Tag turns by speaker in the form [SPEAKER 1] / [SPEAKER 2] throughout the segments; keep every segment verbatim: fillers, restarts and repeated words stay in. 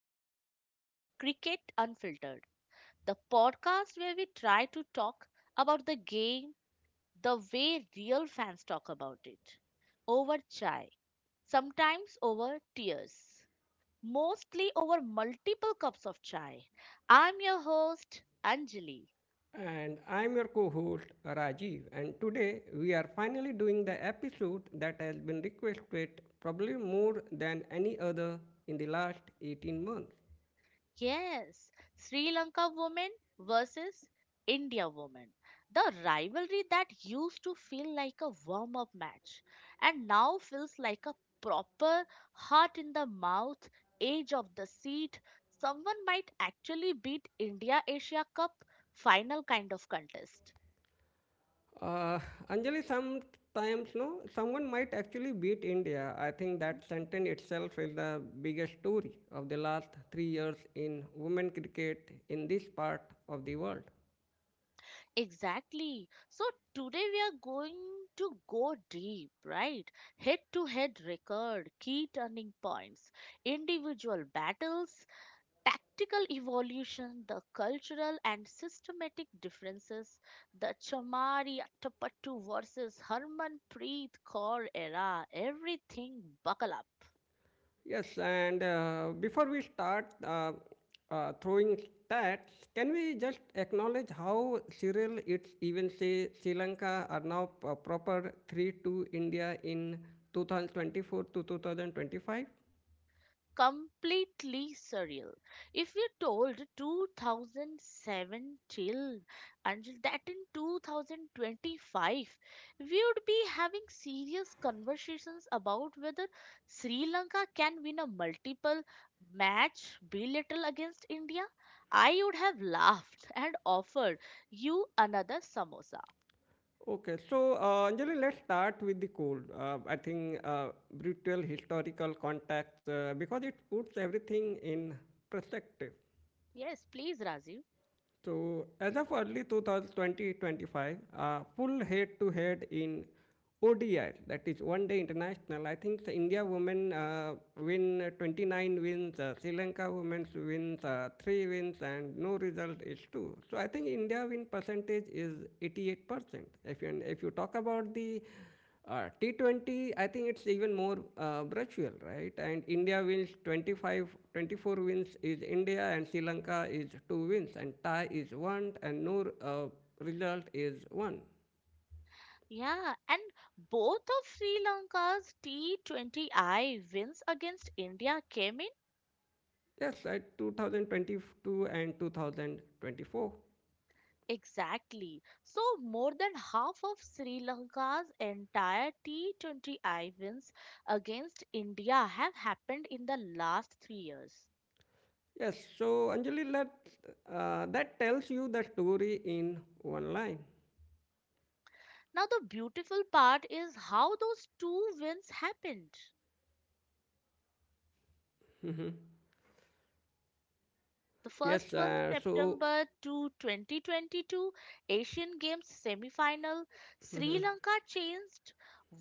[SPEAKER 1] welcome to Cricket Unfiltered, the podcast where we try to talk about the game the way real fans talk about it. Over chai, sometimes over tears, mostly over multiple cups of chai. I'm your host, Anjali.
[SPEAKER 2] And I'm your co host Rajiv, and today we are finally doing the episode that has been requested probably more than any other in the last eighteen months.
[SPEAKER 1] Yes, Sri Lanka woman versus India woman. The rivalry that used to feel like a warm up match and now feels like a proper heart in the mouth, edge of the seat. Someone might actually beat India Asia Cup final kind of contest.
[SPEAKER 2] Uh, Anjali, sometimes no, someone might actually beat India. I think that sentence itself is the biggest story of the last three years in women cricket in this part of the world.
[SPEAKER 1] Exactly. So today we are going to go deep, right? Head to head record, key turning points, individual battles, tactical evolution, the cultural and systematic differences, the Chamari Attapattu versus Harmanpreet Kaur era, everything buckle up.
[SPEAKER 2] Yes, and uh, before we start uh, uh, throwing stats, can we just acknowledge how Cyril, it's even say Sri Lanka are now p- proper three two India in two thousand twenty-four to two thousand twenty-five?
[SPEAKER 1] Completely surreal. If you told two thousand seven till until that in two thousand twenty-five, we would be having serious conversations about whether Sri Lanka can win a multiple match bilateral against India. I would have laughed and offered you another samosa.
[SPEAKER 2] Okay, so uh, Anjali, let's start with the cold. Uh, I think uh, brutal historical context uh, because it puts everything in perspective.
[SPEAKER 1] Yes, please, Rajiv.
[SPEAKER 2] So as of early twenty twenty-five, twenty-five uh, full head-to-head in O D I, that is One Day International, I think the India women uh, win uh, twenty-nine wins, uh, Sri Lanka women wins uh, three wins, and no result is two. So I think India win percentage is eighty-eight percent. If you, if you talk about the uh, T twenty, I think it's even more uh, virtual, right? And India wins twenty-five, twenty-four wins is India, and Sri Lanka is two wins, and Thai is one, and no uh, result is one.
[SPEAKER 1] Yeah, and both of Sri Lanka's T twenty I wins against India came in
[SPEAKER 2] Yes, at two thousand twenty-two and two thousand twenty-four.
[SPEAKER 1] exactly. So, more than half of Sri Lanka's entire T twenty I wins against India have happened in the last three years.
[SPEAKER 2] Yes, so Anjali, let, uh, that tells you the story in one line.
[SPEAKER 1] Now, the beautiful part is how those two wins happened. The first
[SPEAKER 2] Yes,
[SPEAKER 1] one,
[SPEAKER 2] uh, so
[SPEAKER 1] September two, two thousand twenty-two, Asian Games semi-final. Sri Lanka changed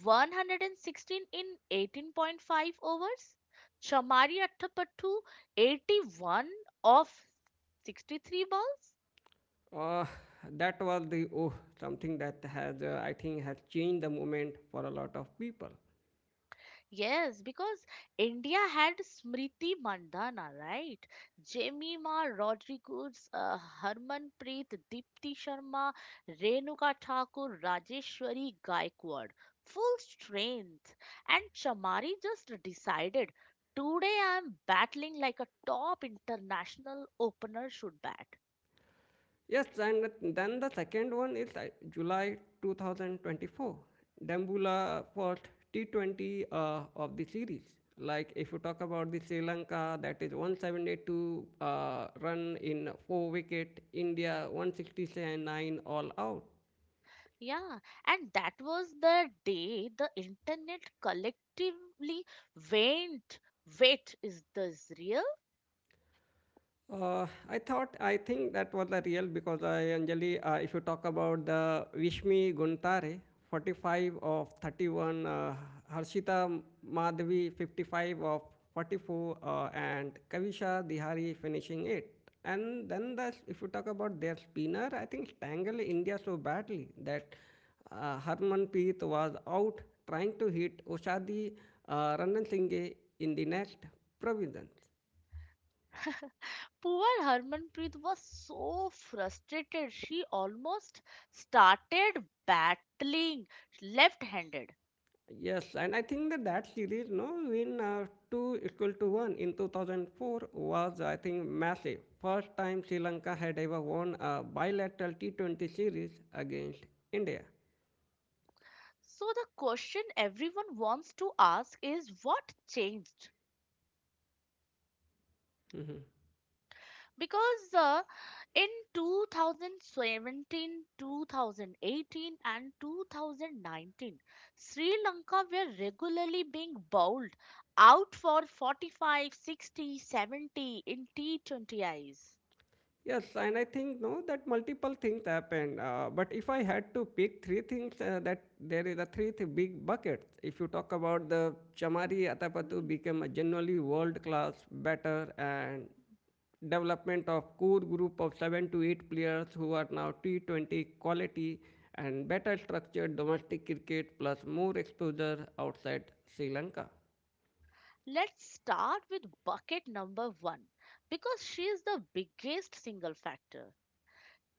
[SPEAKER 1] one hundred sixteen in eighteen point five overs. Chamari Attapattu eighty-one off sixty-three balls.
[SPEAKER 2] Uh, that was the oh something that has uh, I think has changed the moment for a lot of people.
[SPEAKER 1] Yes, because India had Smriti Mandhana, right? Jemima Rodriguez, uh, Harmanpreet, Deepti Sharma, Renuka Thakur, Rajeshwari Gaikwad. Full strength. And Chamari just decided, today I'm battling like a top international opener should bat.
[SPEAKER 2] Yes, and then the second one is uh, July two thousand twenty-four. Dambula first T twenty uh, of the series. Like if you talk about the Sri Lanka, that is one hundred seventy-two uh, run in four wicket. India one hundred sixty-nine all out.
[SPEAKER 1] Yeah, and that was the day the internet collectively went, wait, is this real?
[SPEAKER 2] Uh, I thought, I think that was the real because I, Anjali, uh, if you talk about the Vishmi Guntare, forty-five of thirty-one, uh, Harshita Madhavi, fifty-five of forty-four, uh, and Kavisha Dihari finishing it. And then the, if you talk about their spinner, I think tangled India so badly that uh, Harmanpreet was out trying to hit Oshadi uh, Ranasinghe in the next province.
[SPEAKER 1] Poor Harmanpreet was so frustrated, she almost started battling left handed.
[SPEAKER 2] Yes, and I think that that series, no, win uh, two equal to one in two thousand four was, I think, massive. First time Sri Lanka had ever won a bilateral T twenty series against India.
[SPEAKER 1] So, the question everyone wants to ask is what changed? Because uh, in two thousand seventeen, twenty eighteen, and two thousand nineteen, Sri Lanka were regularly being bowled out for forty-five, sixty, seventy in T twenty I's.
[SPEAKER 2] Yes, and I think no that multiple things happen. Uh, but if I had to pick three things, uh, that there is a three th- big buckets. If you talk about the Chamari Atapattu
[SPEAKER 1] Hmm.
[SPEAKER 2] became a generally world class batter and development of core group of seven to eight players who are now T twenty quality and better structured domestic cricket plus more exposure outside Sri Lanka.
[SPEAKER 1] Let's start with bucket number one because she is the biggest single factor.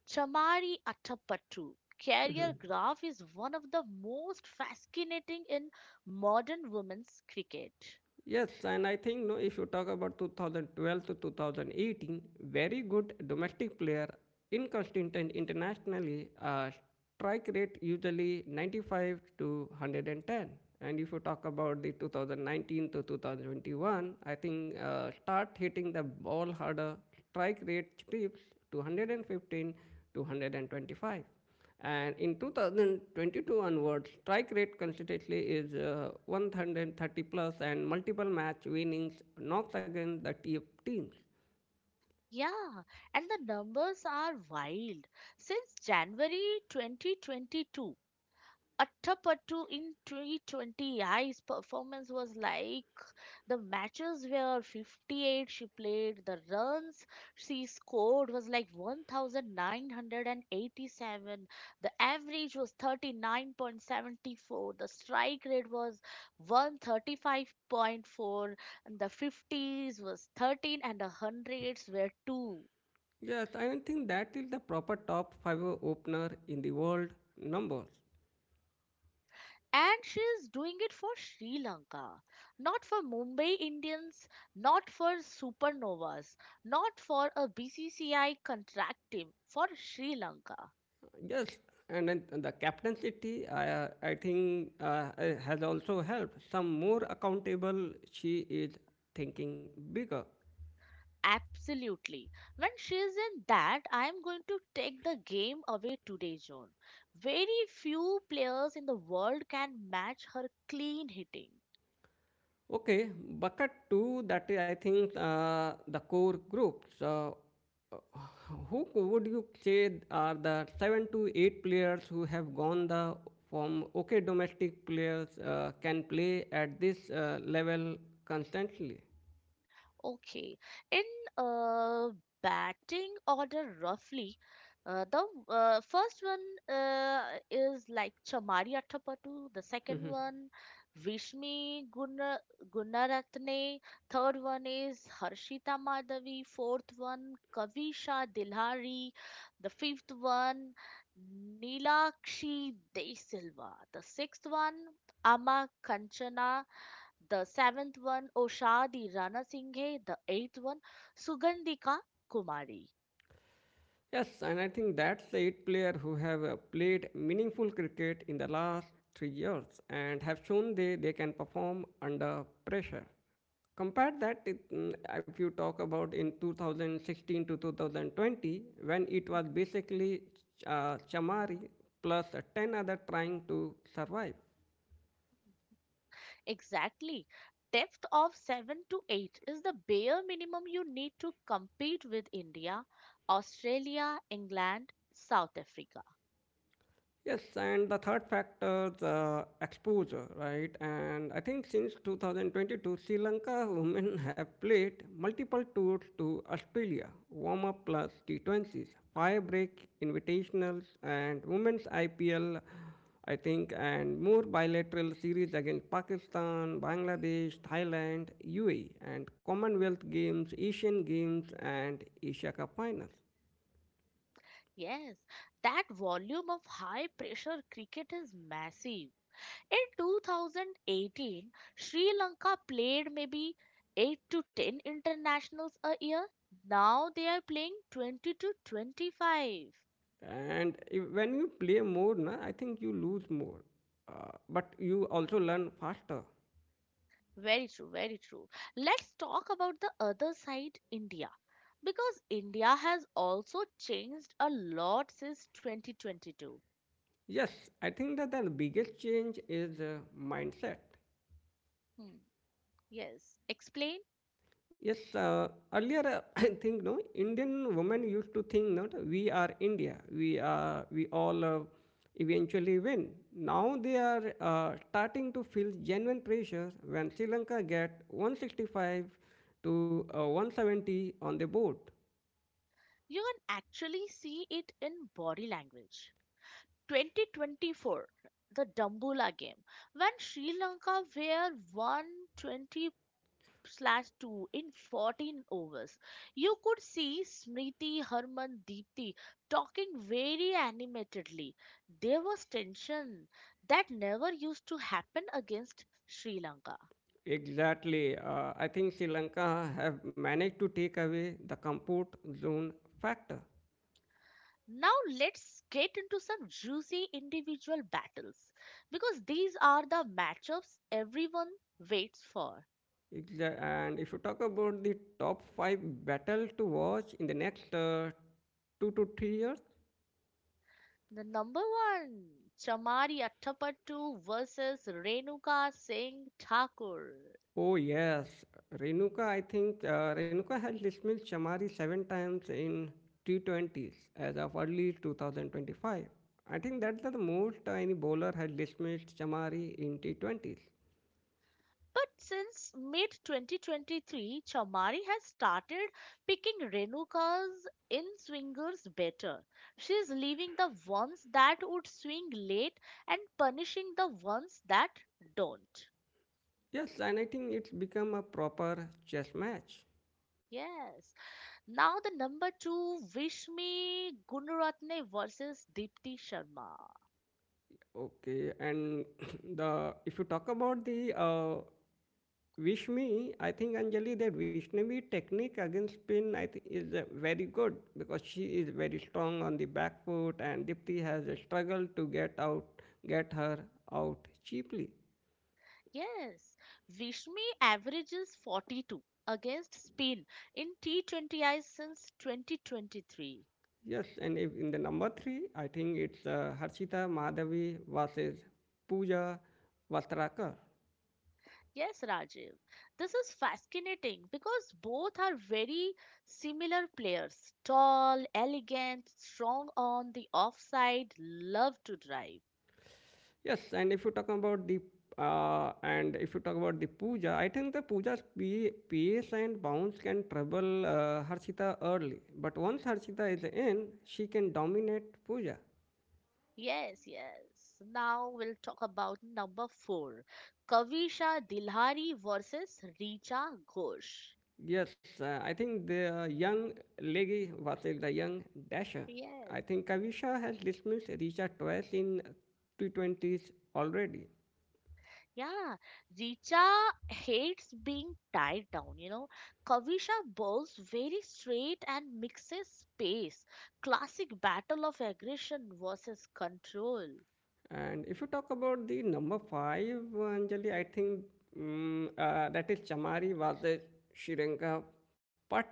[SPEAKER 1] Chamari Attappattu career graph is one of the most fascinating in modern women's cricket.
[SPEAKER 2] Yes, and I think no, if you talk about two thousand twelve to two thousand eighteen, very good domestic player, inconsistent internationally, uh, strike rate usually ninety-five to one hundred ten. And if you talk about the two thousand nineteen to two thousand twenty-one, I think uh, start hitting the ball harder, strike rate trips to one hundred fifteen to one hundred twenty-five. And in twenty twenty-two onwards, strike rate consistently is uh, one hundred thirty plus and multiple match winnings knocks against the top teams.
[SPEAKER 1] Yeah, and the numbers are wild. Since January twenty twenty-two, Attappattu in T twenty's performance was like the matches were fifty-eight she played. The runs she scored was like one thousand nine hundred eighty-seven. The average was thirty-nine point seven four. The strike rate was one thirty-five point four and the fifties was thirteen and the hundreds were two.
[SPEAKER 2] Yes, I think that is the proper top five opener in the world numbers.
[SPEAKER 1] And she is doing it for Sri Lanka, not for Mumbai Indians, not for Supernovas, not for a B C C I contract team, for Sri Lanka.
[SPEAKER 2] Yes, and then the captaincy, I, I think, uh, has also helped. Some more accountable, she is thinking bigger.
[SPEAKER 1] Absolutely. When she is in that, I am going to take the game away today, zone. Very few players in the world can match her clean hitting.
[SPEAKER 2] Okay, bucket two, that is, I think, uh, the core group. So, uh, who would you say are the seven to eight players who have gone the from okay domestic players uh, can play at this uh, level constantly?
[SPEAKER 1] Okay. In uh, batting order, roughly, uh, the uh, first one uh, is like Chamari Athapattu, the second one, Vishmi Guna Gunaratne, third one is Harshita Madhavi, fourth one, Kavisha Dilhari, the fifth one, Nilakshi De Silva, the sixth one, Ama Kanchana, the seventh one Oshadi Rana Singhe, the eighth one Sugandhika Kumari.
[SPEAKER 2] Yes, and I think that's the eight player who have uh, played meaningful cricket in the last three years and have shown they, they can perform under pressure. Compare that it, mm, if you talk about in two thousand sixteen to two thousand twenty, when it was basically uh, Chamari plus uh, ten other trying to survive.
[SPEAKER 1] Exactly. Depth of seven to eight is the bare minimum you need to compete with India, Australia, England, South Africa.
[SPEAKER 2] Yes, and the third factor is uh, exposure, right? And I think since two thousand twenty-two, Sri Lanka women have played multiple tours to Australia, warm up plus T twenties, firebreak, invitationals, and women's I P L, I think, and more bilateral series against Pakistan, Bangladesh, Thailand, U A E, and Commonwealth Games, Asian Games, and Asia Cup finals.
[SPEAKER 1] Yes, that volume of high pressure cricket is massive. In twenty eighteen, Sri Lanka played maybe eight to ten internationals a year. Now they are playing twenty to twenty-five.
[SPEAKER 2] And if, when you play more na, I think you lose more, uh, but you also learn faster.
[SPEAKER 1] Very true, very true. Let's talk about the other side, India. Because India has also changed a lot since twenty twenty-two.
[SPEAKER 2] Yes, I think that the biggest change is uh, mindset.
[SPEAKER 1] Hmm. Yes, explain.
[SPEAKER 2] yes uh, earlier uh, i think no indian women used to think no, that we are india, we are we all uh, eventually win. Now they are uh, starting to feel genuine pressure when sri lanka get one hundred sixty-five to uh, one hundred seventy on the board.
[SPEAKER 1] You can actually see it in body language. twenty twenty-four, the Dumbula game, when Sri Lanka were one twenty for two in fourteen overs. You could see Smriti, Harman, Deepti talking very animatedly. There was tension that never used to happen against Sri Lanka.
[SPEAKER 2] Exactly. Uh, I think Sri Lanka have managed to take away the comfort zone factor.
[SPEAKER 1] Now let's get into some juicy individual battles because these are the matchups everyone waits for.
[SPEAKER 2] Exa- And if you talk about the top five battle to watch in the next uh, two to three years.
[SPEAKER 1] The number one, Chamari Attapattu versus Renuka Singh Thakur.
[SPEAKER 2] Oh yes, Renuka. I think uh, Renuka has dismissed Shamari seven times in T twenties as of early two thousand twenty-five. I think that's the most uh, any bowler has dismissed Shamari in T twenties.
[SPEAKER 1] But since mid twenty twenty-three, Chamari has started picking Renuka's in swingers better. She's leaving the ones that would swing late and punishing the ones that don't.
[SPEAKER 2] Yes, and I think it's become a proper chess match.
[SPEAKER 1] Yes. Now the number two, Vishmi Gunaratne versus Deepti Sharma.
[SPEAKER 2] Okay, and the if you talk about the uh, Vishmi, I think Anjali that Vishnavi technique against spin I think is uh, very good because she is very strong on the back foot and Dipti has a struggle to get out get her out cheaply.
[SPEAKER 1] Yes, Vishmi averages forty-two against Spain in T twenty I's since twenty twenty-three.
[SPEAKER 2] Yes, and if in the number three, I think it's uh, Harshita Madhavi versus Pooja Vastrakar.
[SPEAKER 1] Yes, Rajiv. This is fascinating because both are very similar players. Tall, elegant, strong on the offside, love to drive.
[SPEAKER 2] Yes, and if you talk about the uh, and if you talk about the puja, I think the puja's pa- pace and bounce can trouble uh, Harshita early. But once Harshita is in, she can dominate puja.
[SPEAKER 1] Yes, yes. Now we'll talk about number four. Kavisha Dilhari versus Richa Ghosh.
[SPEAKER 2] Yes, uh, I think the young leggy versus the young dasher. I
[SPEAKER 1] Yes,
[SPEAKER 2] think
[SPEAKER 1] yes.
[SPEAKER 2] Kavisha has dismissed Richa twice in T twenties already.
[SPEAKER 1] Yeah, Richa hates being tied down, you know. Kavisha bowls very straight and mixes space. Classic battle of aggression versus control.
[SPEAKER 2] And if you talk about the number five, Anjali, I think mm uh, that is Chamari Vade Shirenka Patil.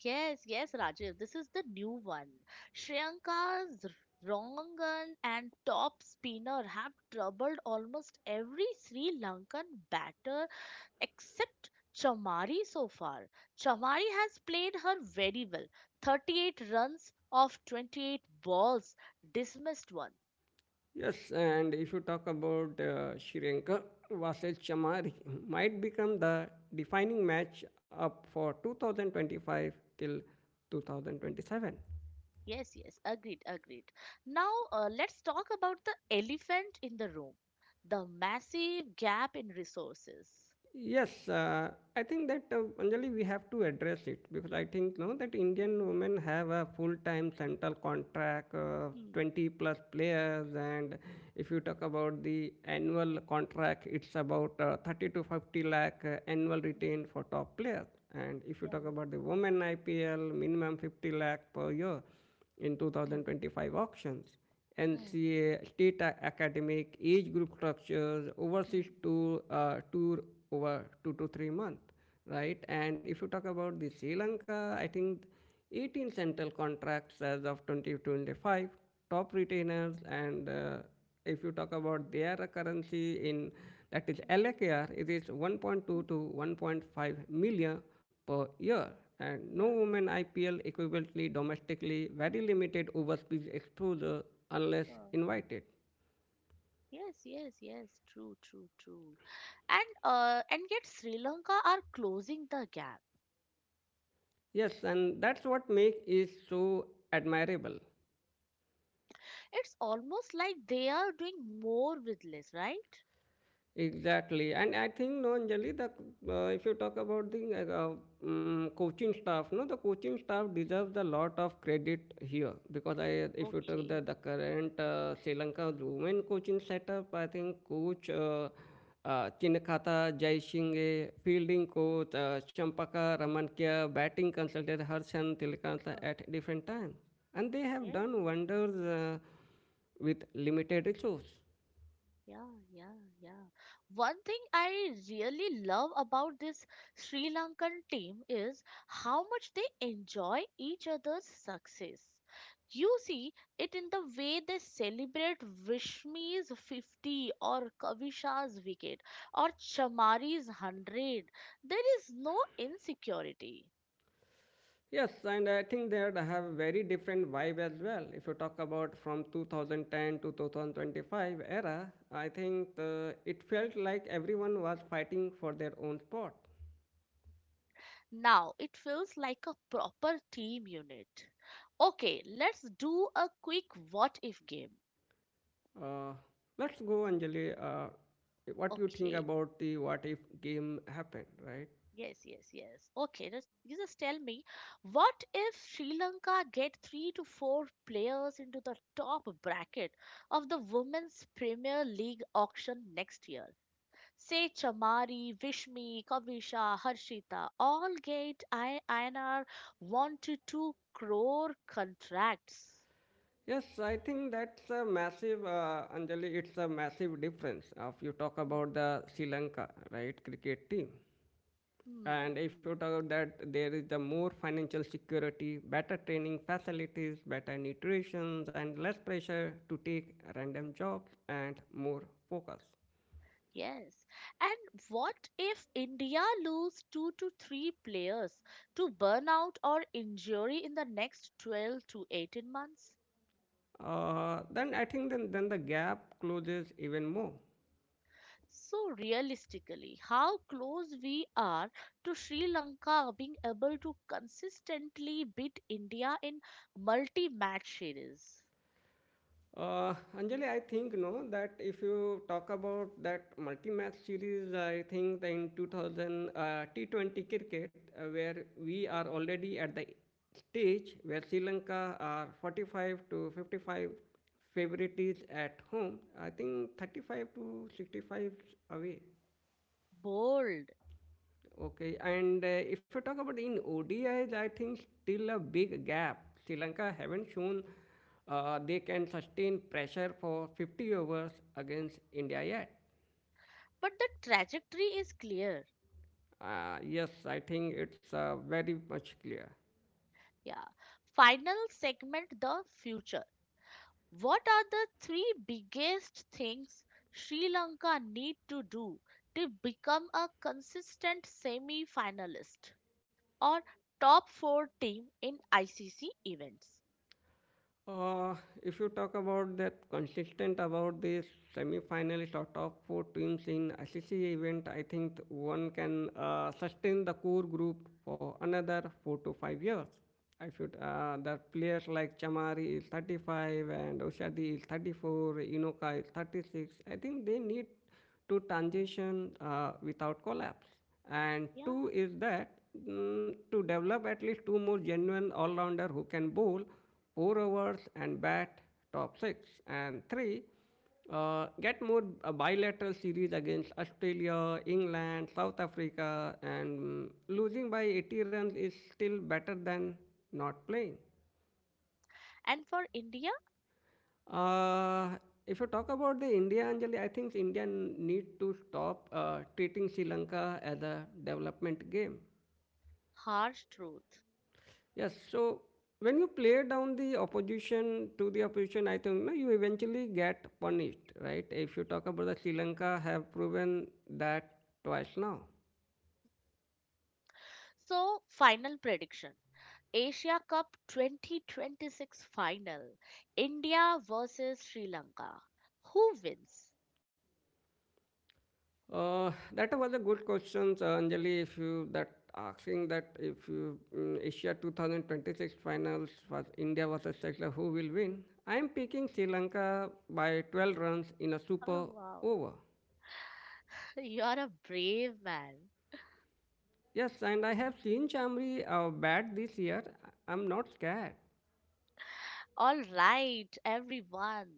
[SPEAKER 1] Yes, yes, Rajiv, this is the new one. Shriyanka's Rongan and top spinner have troubled almost every Sri Lankan batter except Chamari so far. Chamari has played her very well. thirty-eight runs off twenty-eight balls, dismissed one.
[SPEAKER 2] Yes, and if you talk about uh, Shirenka versus Chamari, might become the defining match up for two thousand twenty-five till two thousand twenty-seven.
[SPEAKER 1] Yes, yes, agreed, agreed. Now uh, let's talk about the elephant in the room, the massive gap in resources.
[SPEAKER 2] Yes, uh, I think that uh, Anjali, we have to address it because I think no that Indian
[SPEAKER 1] Mm,
[SPEAKER 2] women have a full-time central contract, uh,
[SPEAKER 1] mm,
[SPEAKER 2] twenty plus players, and if you talk about the annual contract, it's about uh, thirty to fifty lakh uh, annual
[SPEAKER 1] mm,
[SPEAKER 2] retain for top players, and if you
[SPEAKER 1] Yeah,
[SPEAKER 2] talk
[SPEAKER 1] yeah.
[SPEAKER 2] about the women I P L, minimum fifty lakh per year in
[SPEAKER 1] Mm,
[SPEAKER 2] two thousand twenty-five auctions.
[SPEAKER 1] mm,
[SPEAKER 2] N C A, state academic, age group structures, overseas
[SPEAKER 1] mm,
[SPEAKER 2] tour, uh, tour over two to three month, right? And if you talk about the Sri Lanka, I think eighteen central contracts as of twenty twenty-five, top retainers, and uh, if you talk about their currency in that is
[SPEAKER 1] uh,
[SPEAKER 2] L K R, it is one point two
[SPEAKER 1] mm,
[SPEAKER 2] to one point five million per year.
[SPEAKER 1] uh,
[SPEAKER 2] And no
[SPEAKER 1] yeah,
[SPEAKER 2] women I P L equivalently domestically, very limited overseas exposure unless
[SPEAKER 1] yeah.
[SPEAKER 2] invited.
[SPEAKER 1] Yes, yes, yes. True, true, true. And uh, and yet Sri Lanka are closing the gap.
[SPEAKER 2] Yes, and that's what makes it so admirable.
[SPEAKER 1] It's almost like they are doing more with less, right?
[SPEAKER 2] Exactly, and I think no, Anjali, the uh, if you talk about the uh, um, coaching staff, no, the coaching staff deserves a lot of credit here because I, if you talk the
[SPEAKER 1] Okay.
[SPEAKER 2] the current uh, Sri Lanka women coaching setup, I think coach uh, uh, Chinakata Jaisinghe, fielding coach uh, Champaka Ramankia, batting consultant Harshan Tilakanta
[SPEAKER 1] Uh,
[SPEAKER 2] at different times, and they have
[SPEAKER 1] Yeah.
[SPEAKER 2] done wonders uh, with limited resource.
[SPEAKER 1] Yeah, yeah, yeah. One thing I really love about this Sri Lankan team is how much they enjoy each other's success. You see it in the way they celebrate Vishmi's fifty or Kavisha's wicket or Chamari's hundred. There is no insecurity.
[SPEAKER 2] Yes, and I think they have very different vibe as well. If you talk about from two thousand ten to two thousand twenty-five era, I think the, it felt like everyone was fighting for their own spot.
[SPEAKER 1] Now it feels like a proper team unit. Okay, let's do a quick what if game.
[SPEAKER 2] Uh, let's go, Anjali. Uh, what you think
[SPEAKER 1] Okay,
[SPEAKER 2] about the what if game happened, right?
[SPEAKER 1] yes, yes, yes. Okay, just, you just tell me, what if Sri Lanka get three to four players into the top bracket of the Women's Premier League auction next year? Say Chamari, Vishmi, Kavisha, Harshita, all get I- INR one to two crore contracts.
[SPEAKER 2] Yes, I think that's a massive, uh, Anjali, it's a massive difference. Uh, If you talk
[SPEAKER 1] Hmm.
[SPEAKER 2] about the Sri Lanka, right, cricket team.
[SPEAKER 1] hmm.
[SPEAKER 2] And if
[SPEAKER 1] hmm.
[SPEAKER 2] you talk about that, there is the more financial security, better training facilities, better nutrition, and less pressure to take random jobs and more focus.
[SPEAKER 1] Yes. And what if India lose two to three players to burnout or injury in the next twelve to eighteen months?
[SPEAKER 2] Uh, then I think then, then the gap closes even more.
[SPEAKER 1] So, realistically, how close we are to Sri Lanka being able to consistently beat India in multi match series?
[SPEAKER 2] Uh, Anjali, I think no that if you talk about that multi-match series, I think that in two thousand uh, T twenty cricket, uh, where we are already at the stage where Sri Lanka are forty-five to fifty-five favorites at home. I think thirty-five to sixty-five away.
[SPEAKER 1] Bold.
[SPEAKER 2] Okay, and uh, if you talk about in O D Is, I think still a big gap. Sri Lanka haven't shown uh, they can sustain pressure for fifty overs against India yet.
[SPEAKER 1] But the trajectory is clear.
[SPEAKER 2] Uh, yes, I think it's uh, very much clear.
[SPEAKER 1] Yeah. Final segment the future. What are the three biggest things Sri Lanka need to do to become a consistent semi finalist or top four team in I C C events?
[SPEAKER 2] Uh, if you talk about that consistent about this semi-final sort of four teams in A C C event, I think one can uh, sustain the core group for another four to five years. I should uh, the players like Chamari is thirty-five and Oshadi is thirty-four, Inoka is thirty-six. I think they need to transition uh, without collapse. And
[SPEAKER 1] Yeah.
[SPEAKER 2] two is that mm, to develop at least two more genuine all rounder who can bowl four overs and bat top six. And three, uh, get more uh, bilateral series against Australia, England, South Africa, and mm, losing by eighty runs is still better than not playing.
[SPEAKER 1] And for India,
[SPEAKER 2] Uh, if you talk about the India, Anjali, I think India n- need to stop uh, treating Sri Lanka as a development game.
[SPEAKER 1] harsh truth.
[SPEAKER 2] Yes, so when you play down the opposition to the opposition, I think no, you eventually get punished, right? If you talk about the Sri Lanka, have proven that twice now.
[SPEAKER 1] So, final prediction Asia Cup twenty twenty-six final India versus Sri Lanka. Who wins?
[SPEAKER 2] Uh, that was a good question, uh, Anjali. If you that asking that if you mm, Asia two thousand twenty-six finals was India versus Sri Lanka, who will win? I am picking Sri Lanka by twelve runs in a
[SPEAKER 1] Oh,
[SPEAKER 2] super
[SPEAKER 1] wow.
[SPEAKER 2] over.
[SPEAKER 1] You're a brave man.
[SPEAKER 2] Yes, and I have seen Chamri uh, bat this year. I'm not scared.
[SPEAKER 1] All right, everyone.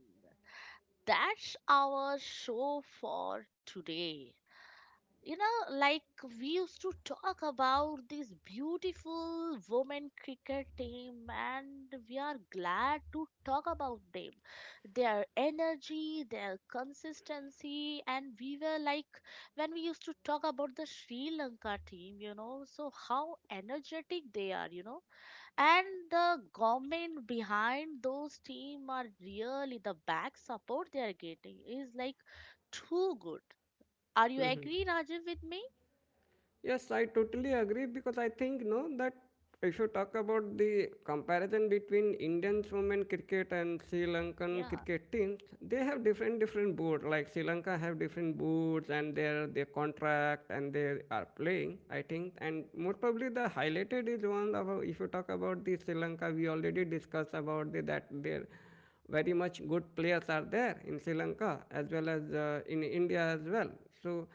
[SPEAKER 1] That's our show for today. You know, like we used to talk about this beautiful women cricket team, and we are glad to talk about them. Their energy, their consistency, and we were like when we used to talk about the Sri Lanka team, you know, so how energetic they are, you know and the government behind those team are really the back support they are getting is like too good are you
[SPEAKER 2] Mm-hmm.
[SPEAKER 1] agree Rajiv with me?
[SPEAKER 2] Yes, I totally agree, because I think no that if you talk about the comparison between Indian women cricket and Sri Lankan
[SPEAKER 1] Yeah,
[SPEAKER 2] cricket teams, they have different different boards. Like Sri Lanka have different boards and their their contract, and they are playing. I think, and more probably the highlighted is one about, if you talk about the Sri Lanka, we already discussed about the, that their very much good players are there in Sri Lanka, as well as uh, in India as well. So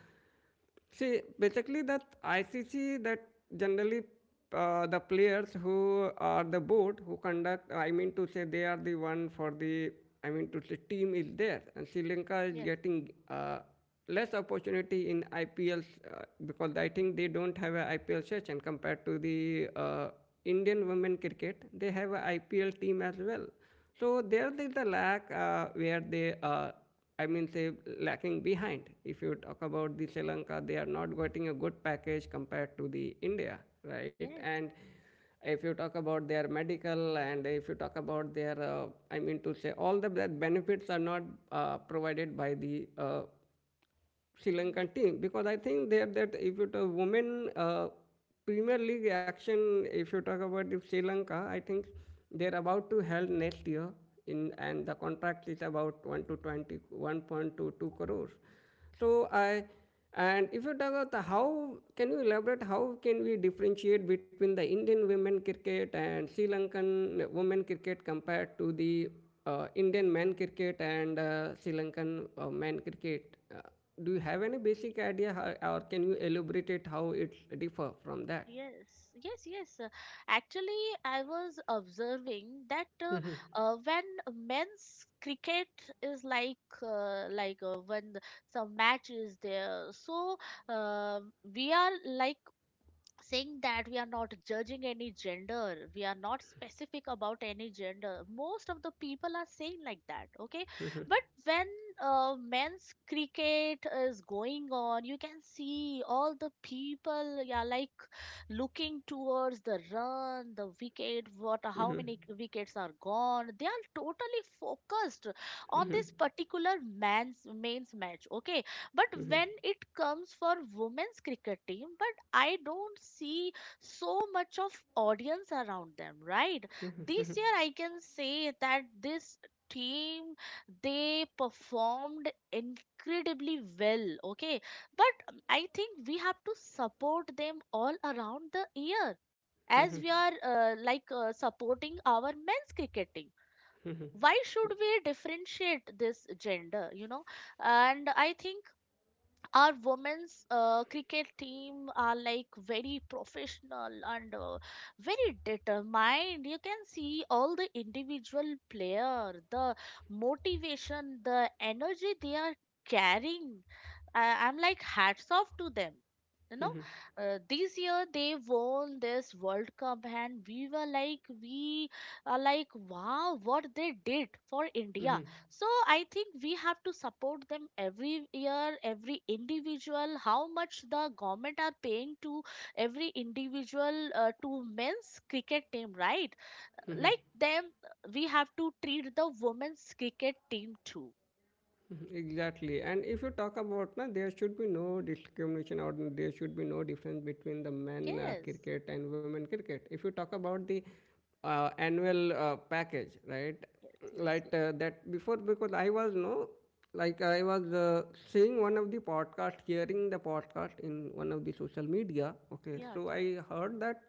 [SPEAKER 2] see, basically that I C C that generally, uh, the players who are the board who conduct, I mean to say, they are the one for the, I mean to say, team is there, and Sri Lanka is
[SPEAKER 1] yes,
[SPEAKER 2] getting uh, less opportunity in I P Ls, uh, because I think they don't have an I P L session compared to the uh, Indian women cricket. They have an I P L team as well. So there is a lack uh, where they uh, I mean, say, lacking behind. If you talk about the Sri Lanka, they are not getting a good package compared to the India, right? And
[SPEAKER 1] yes.
[SPEAKER 2] if you talk about their medical, and if you talk about their, uh, I mean, to say, all the benefits are not uh, provided by the uh, Sri
[SPEAKER 1] Mm,
[SPEAKER 2] Lankan team, because I think there that if you talk women uh, Premier League action, if you talk about the Sri Lanka, I think they're about to held next year in, and the contract is about one to twenty one point two two crores. So I, and if you talk about the how, can you elaborate how can we differentiate between the Indian women cricket and Sri Lankan women cricket compared to the uh, Indian men cricket and uh, Sri Lankan uh, men cricket? Uh, do you have any basic idea, how, or can you elaborate it how it differ from that?
[SPEAKER 1] yes, yes, yes. Uh, actually I was observing that uh, uh, when men's cricket is like uh, like uh, when the- some match is there so uh, we are like saying that we are not judging any gender, we are not specific about any gender, most of the people are saying like that, okay, but when uh, men's cricket is going on you can see all the people, yeah, like looking towards the run, the wicket, what how many wickets are gone. They are totally focused on this particular man's mains match. Okay. But when it comes for women's cricket team, but I don't see so much of audience around them, right? This year I can say that this team they performed incredibly well, okay, but I think we have to support them all around the year as we are uh, like uh, supporting our men's cricketing. Why should we differentiate this gender? You know, and I think our women's uh, cricket team are like very professional and uh, very determined, you can see all the individual player the motivation the energy they are carrying, I- I'm like hats off to them, you know. Uh, this year they won this world cup and we were like we are like wow what they did for India, so I think we have to support them every year, every individual, how much the government are paying to every individual uh, to men's cricket team, right? Like them, we have to treat the women's cricket team too.
[SPEAKER 2] Mhm, exactly. And if you talk about, na, there should be no discrimination, or there should be no difference between the men uh,
[SPEAKER 1] Yes,
[SPEAKER 2] cricket and women cricket. If you talk about the uh, annual uh, package, right?
[SPEAKER 1] yes, yes,
[SPEAKER 2] Like
[SPEAKER 1] yes.
[SPEAKER 2] uh, that before, because I was no, like I was uh, seeing one of the podcast, hearing the podcast in one of the social media. Okay,
[SPEAKER 1] Yeah,
[SPEAKER 2] so
[SPEAKER 1] yeah,
[SPEAKER 2] I heard that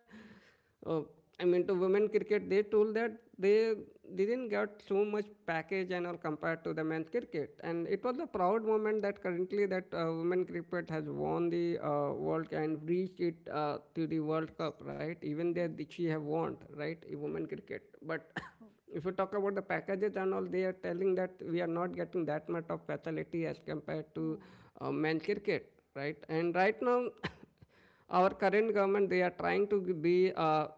[SPEAKER 2] uh, I mean, to women cricket, they told that they didn't get so much package and all compared to the men's cricket. And it was a proud moment that currently that uh, women cricket has won the uh, World Cup and reached it uh, to the World
[SPEAKER 1] yes.
[SPEAKER 2] Cup, right? Even there,
[SPEAKER 1] Mm,
[SPEAKER 2] she have won, right? In women cricket. But
[SPEAKER 1] mm,
[SPEAKER 2] if you talk about the packages and all, they are telling that we are not getting that much of facility as compared to
[SPEAKER 1] mm.
[SPEAKER 2] uh, men's cricket, right? And right now, our current government, they are trying to be uh,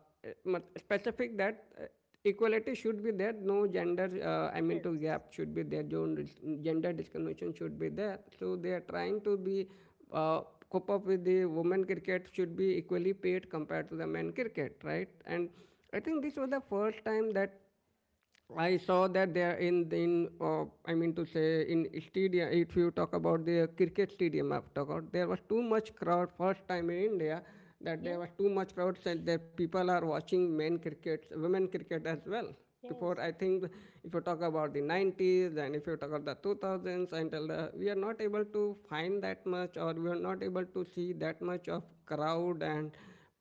[SPEAKER 2] specific that uh, equality should be there, no gender, uh, I mean,
[SPEAKER 1] Yes,
[SPEAKER 2] to gap should be there, gender discrimination should be there. So they are trying to be uh, cope up with the women cricket, should be equally paid compared to the men cricket, right? And I think this was the first time that I saw that they are in in uh, I mean to say, in stadium. If you talk about the cricket stadium, I've talked about there was too much crowd first time in India, that there
[SPEAKER 1] yes,
[SPEAKER 2] was too much crowd and that people are watching men cricket, women cricket as well.
[SPEAKER 1] yes,
[SPEAKER 2] Before, I
[SPEAKER 1] yes.
[SPEAKER 2] think, if you talk about the nineties, and if you talk about the two thousands until the, we are not able to find that much, or we are not able to see that much of crowd, and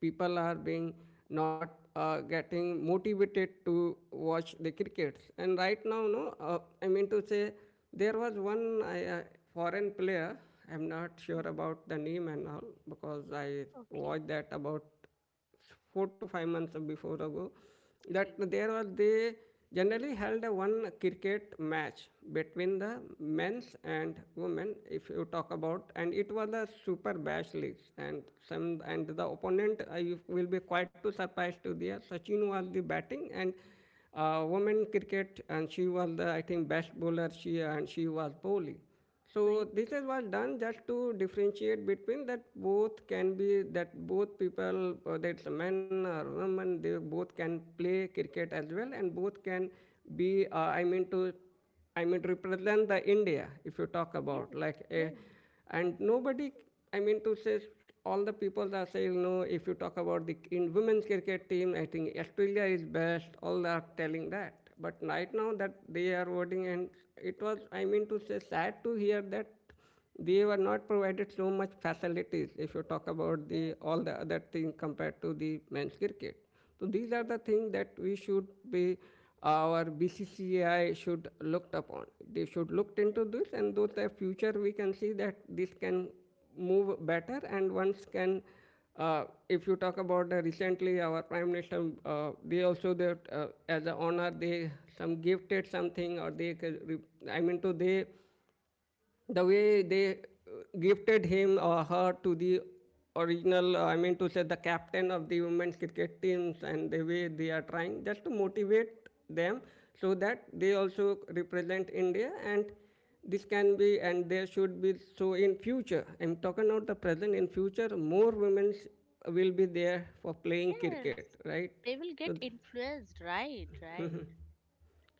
[SPEAKER 2] people are being not uh, getting motivated to watch the cricket. And right now, no, uh, I mean to say, there was one uh, foreign player. I'm not sure
[SPEAKER 1] Mm.
[SPEAKER 2] about the name and all because I
[SPEAKER 1] Okay,
[SPEAKER 2] watched that about four to five months before ago, that
[SPEAKER 1] okay,
[SPEAKER 2] there was, they generally held a one cricket match between the men's and women, if you talk about, and it was a super bash league and some, and the opponent, I will be quite too surprised to hear, Sachin was the batting and uh, women cricket, and she was the, I think, best bowler, she, and she was bowling. So
[SPEAKER 1] great.
[SPEAKER 2] this is was done just to differentiate between that both can be, that both people, whether it's a men or women, they both can play cricket as well, and both can be, uh, I mean to I mean to represent the India, if you talk about,
[SPEAKER 1] Yes,
[SPEAKER 2] like a.
[SPEAKER 1] yes,
[SPEAKER 2] And nobody, I mean to say, all the people are saying no, if you talk about the, in women's cricket team, I think Australia is best, all are telling that, but right now
[SPEAKER 1] mm,
[SPEAKER 2] that they are voting. And it was, I mean to say, sad to hear that they were not provided so much facilities if you talk about the
[SPEAKER 1] yes,
[SPEAKER 2] all the other things compared to the men's cricket. So these are the
[SPEAKER 1] yes,
[SPEAKER 2] things that we should be, our B C C I should looked upon. They should looked into
[SPEAKER 1] yes.
[SPEAKER 2] this, and though the future we can see that this can move better, and once can. Uh, if you talk about uh, recently, our prime minister, uh, they also that, uh, as an honor, they some gifted something, or they, I mean, to they the way they uh, gifted him or her to the original, uh, I mean to say, the captain of the women's cricket teams, and the way they are trying just to motivate them so that they also represent India. And this can be, and there should be, so in future, I'm talking about the present, in future more women will be there for playing cricket,
[SPEAKER 1] Yes,
[SPEAKER 2] right?
[SPEAKER 1] they will
[SPEAKER 2] so
[SPEAKER 1] get
[SPEAKER 2] th-
[SPEAKER 1] influenced. Right, right.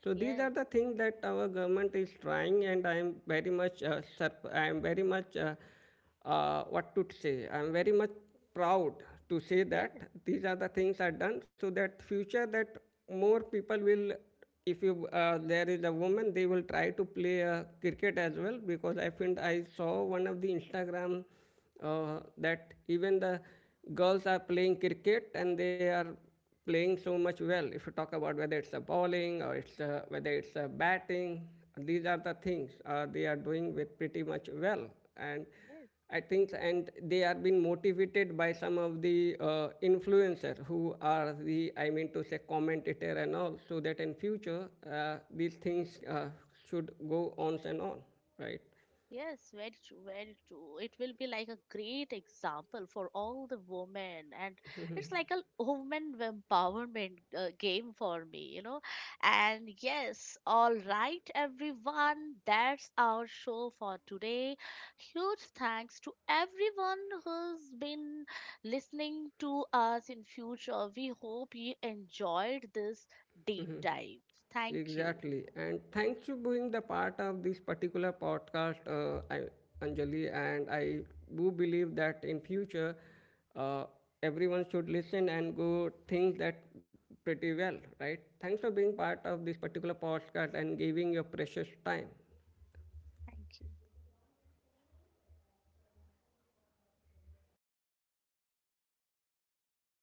[SPEAKER 2] so these are
[SPEAKER 1] Yes,
[SPEAKER 2] the things that our government is trying, and I am very much uh, surp- I am very much uh, uh, what to say. I am very much proud to say
[SPEAKER 1] yes,
[SPEAKER 2] that these are the things are done, so that future, that more people will, if you uh, there is a woman, they will try to play uh, cricket as well, because I think I saw one of the Instagram, uh, that even the girls are playing cricket, and they are playing so much well. If you talk about whether it's a bowling or it's a, whether it's a batting, these are the things uh, they are doing with pretty much well. And
[SPEAKER 1] yes.
[SPEAKER 2] I think, and they are being motivated by some of the uh, influencers who are the, I mean to say, commentator and all, so that in future uh, these things uh, should go on and on, right?
[SPEAKER 1] Yes, very true, very true. It will be like a great example for all the women, and it's like a woman empowerment uh, game for me, you know. And yes, all right, everyone, that's our show for today. Huge thanks to everyone who's been listening to us in future. We hope you enjoyed this deep dive. Thank you.
[SPEAKER 2] Exactly. And thanks for being the part of this particular podcast, uh, I, Anjali. And I do believe that in future, uh, everyone should listen and go think that pretty well, right? Thanks for being part of this particular podcast and giving your precious time.
[SPEAKER 1] Thank you.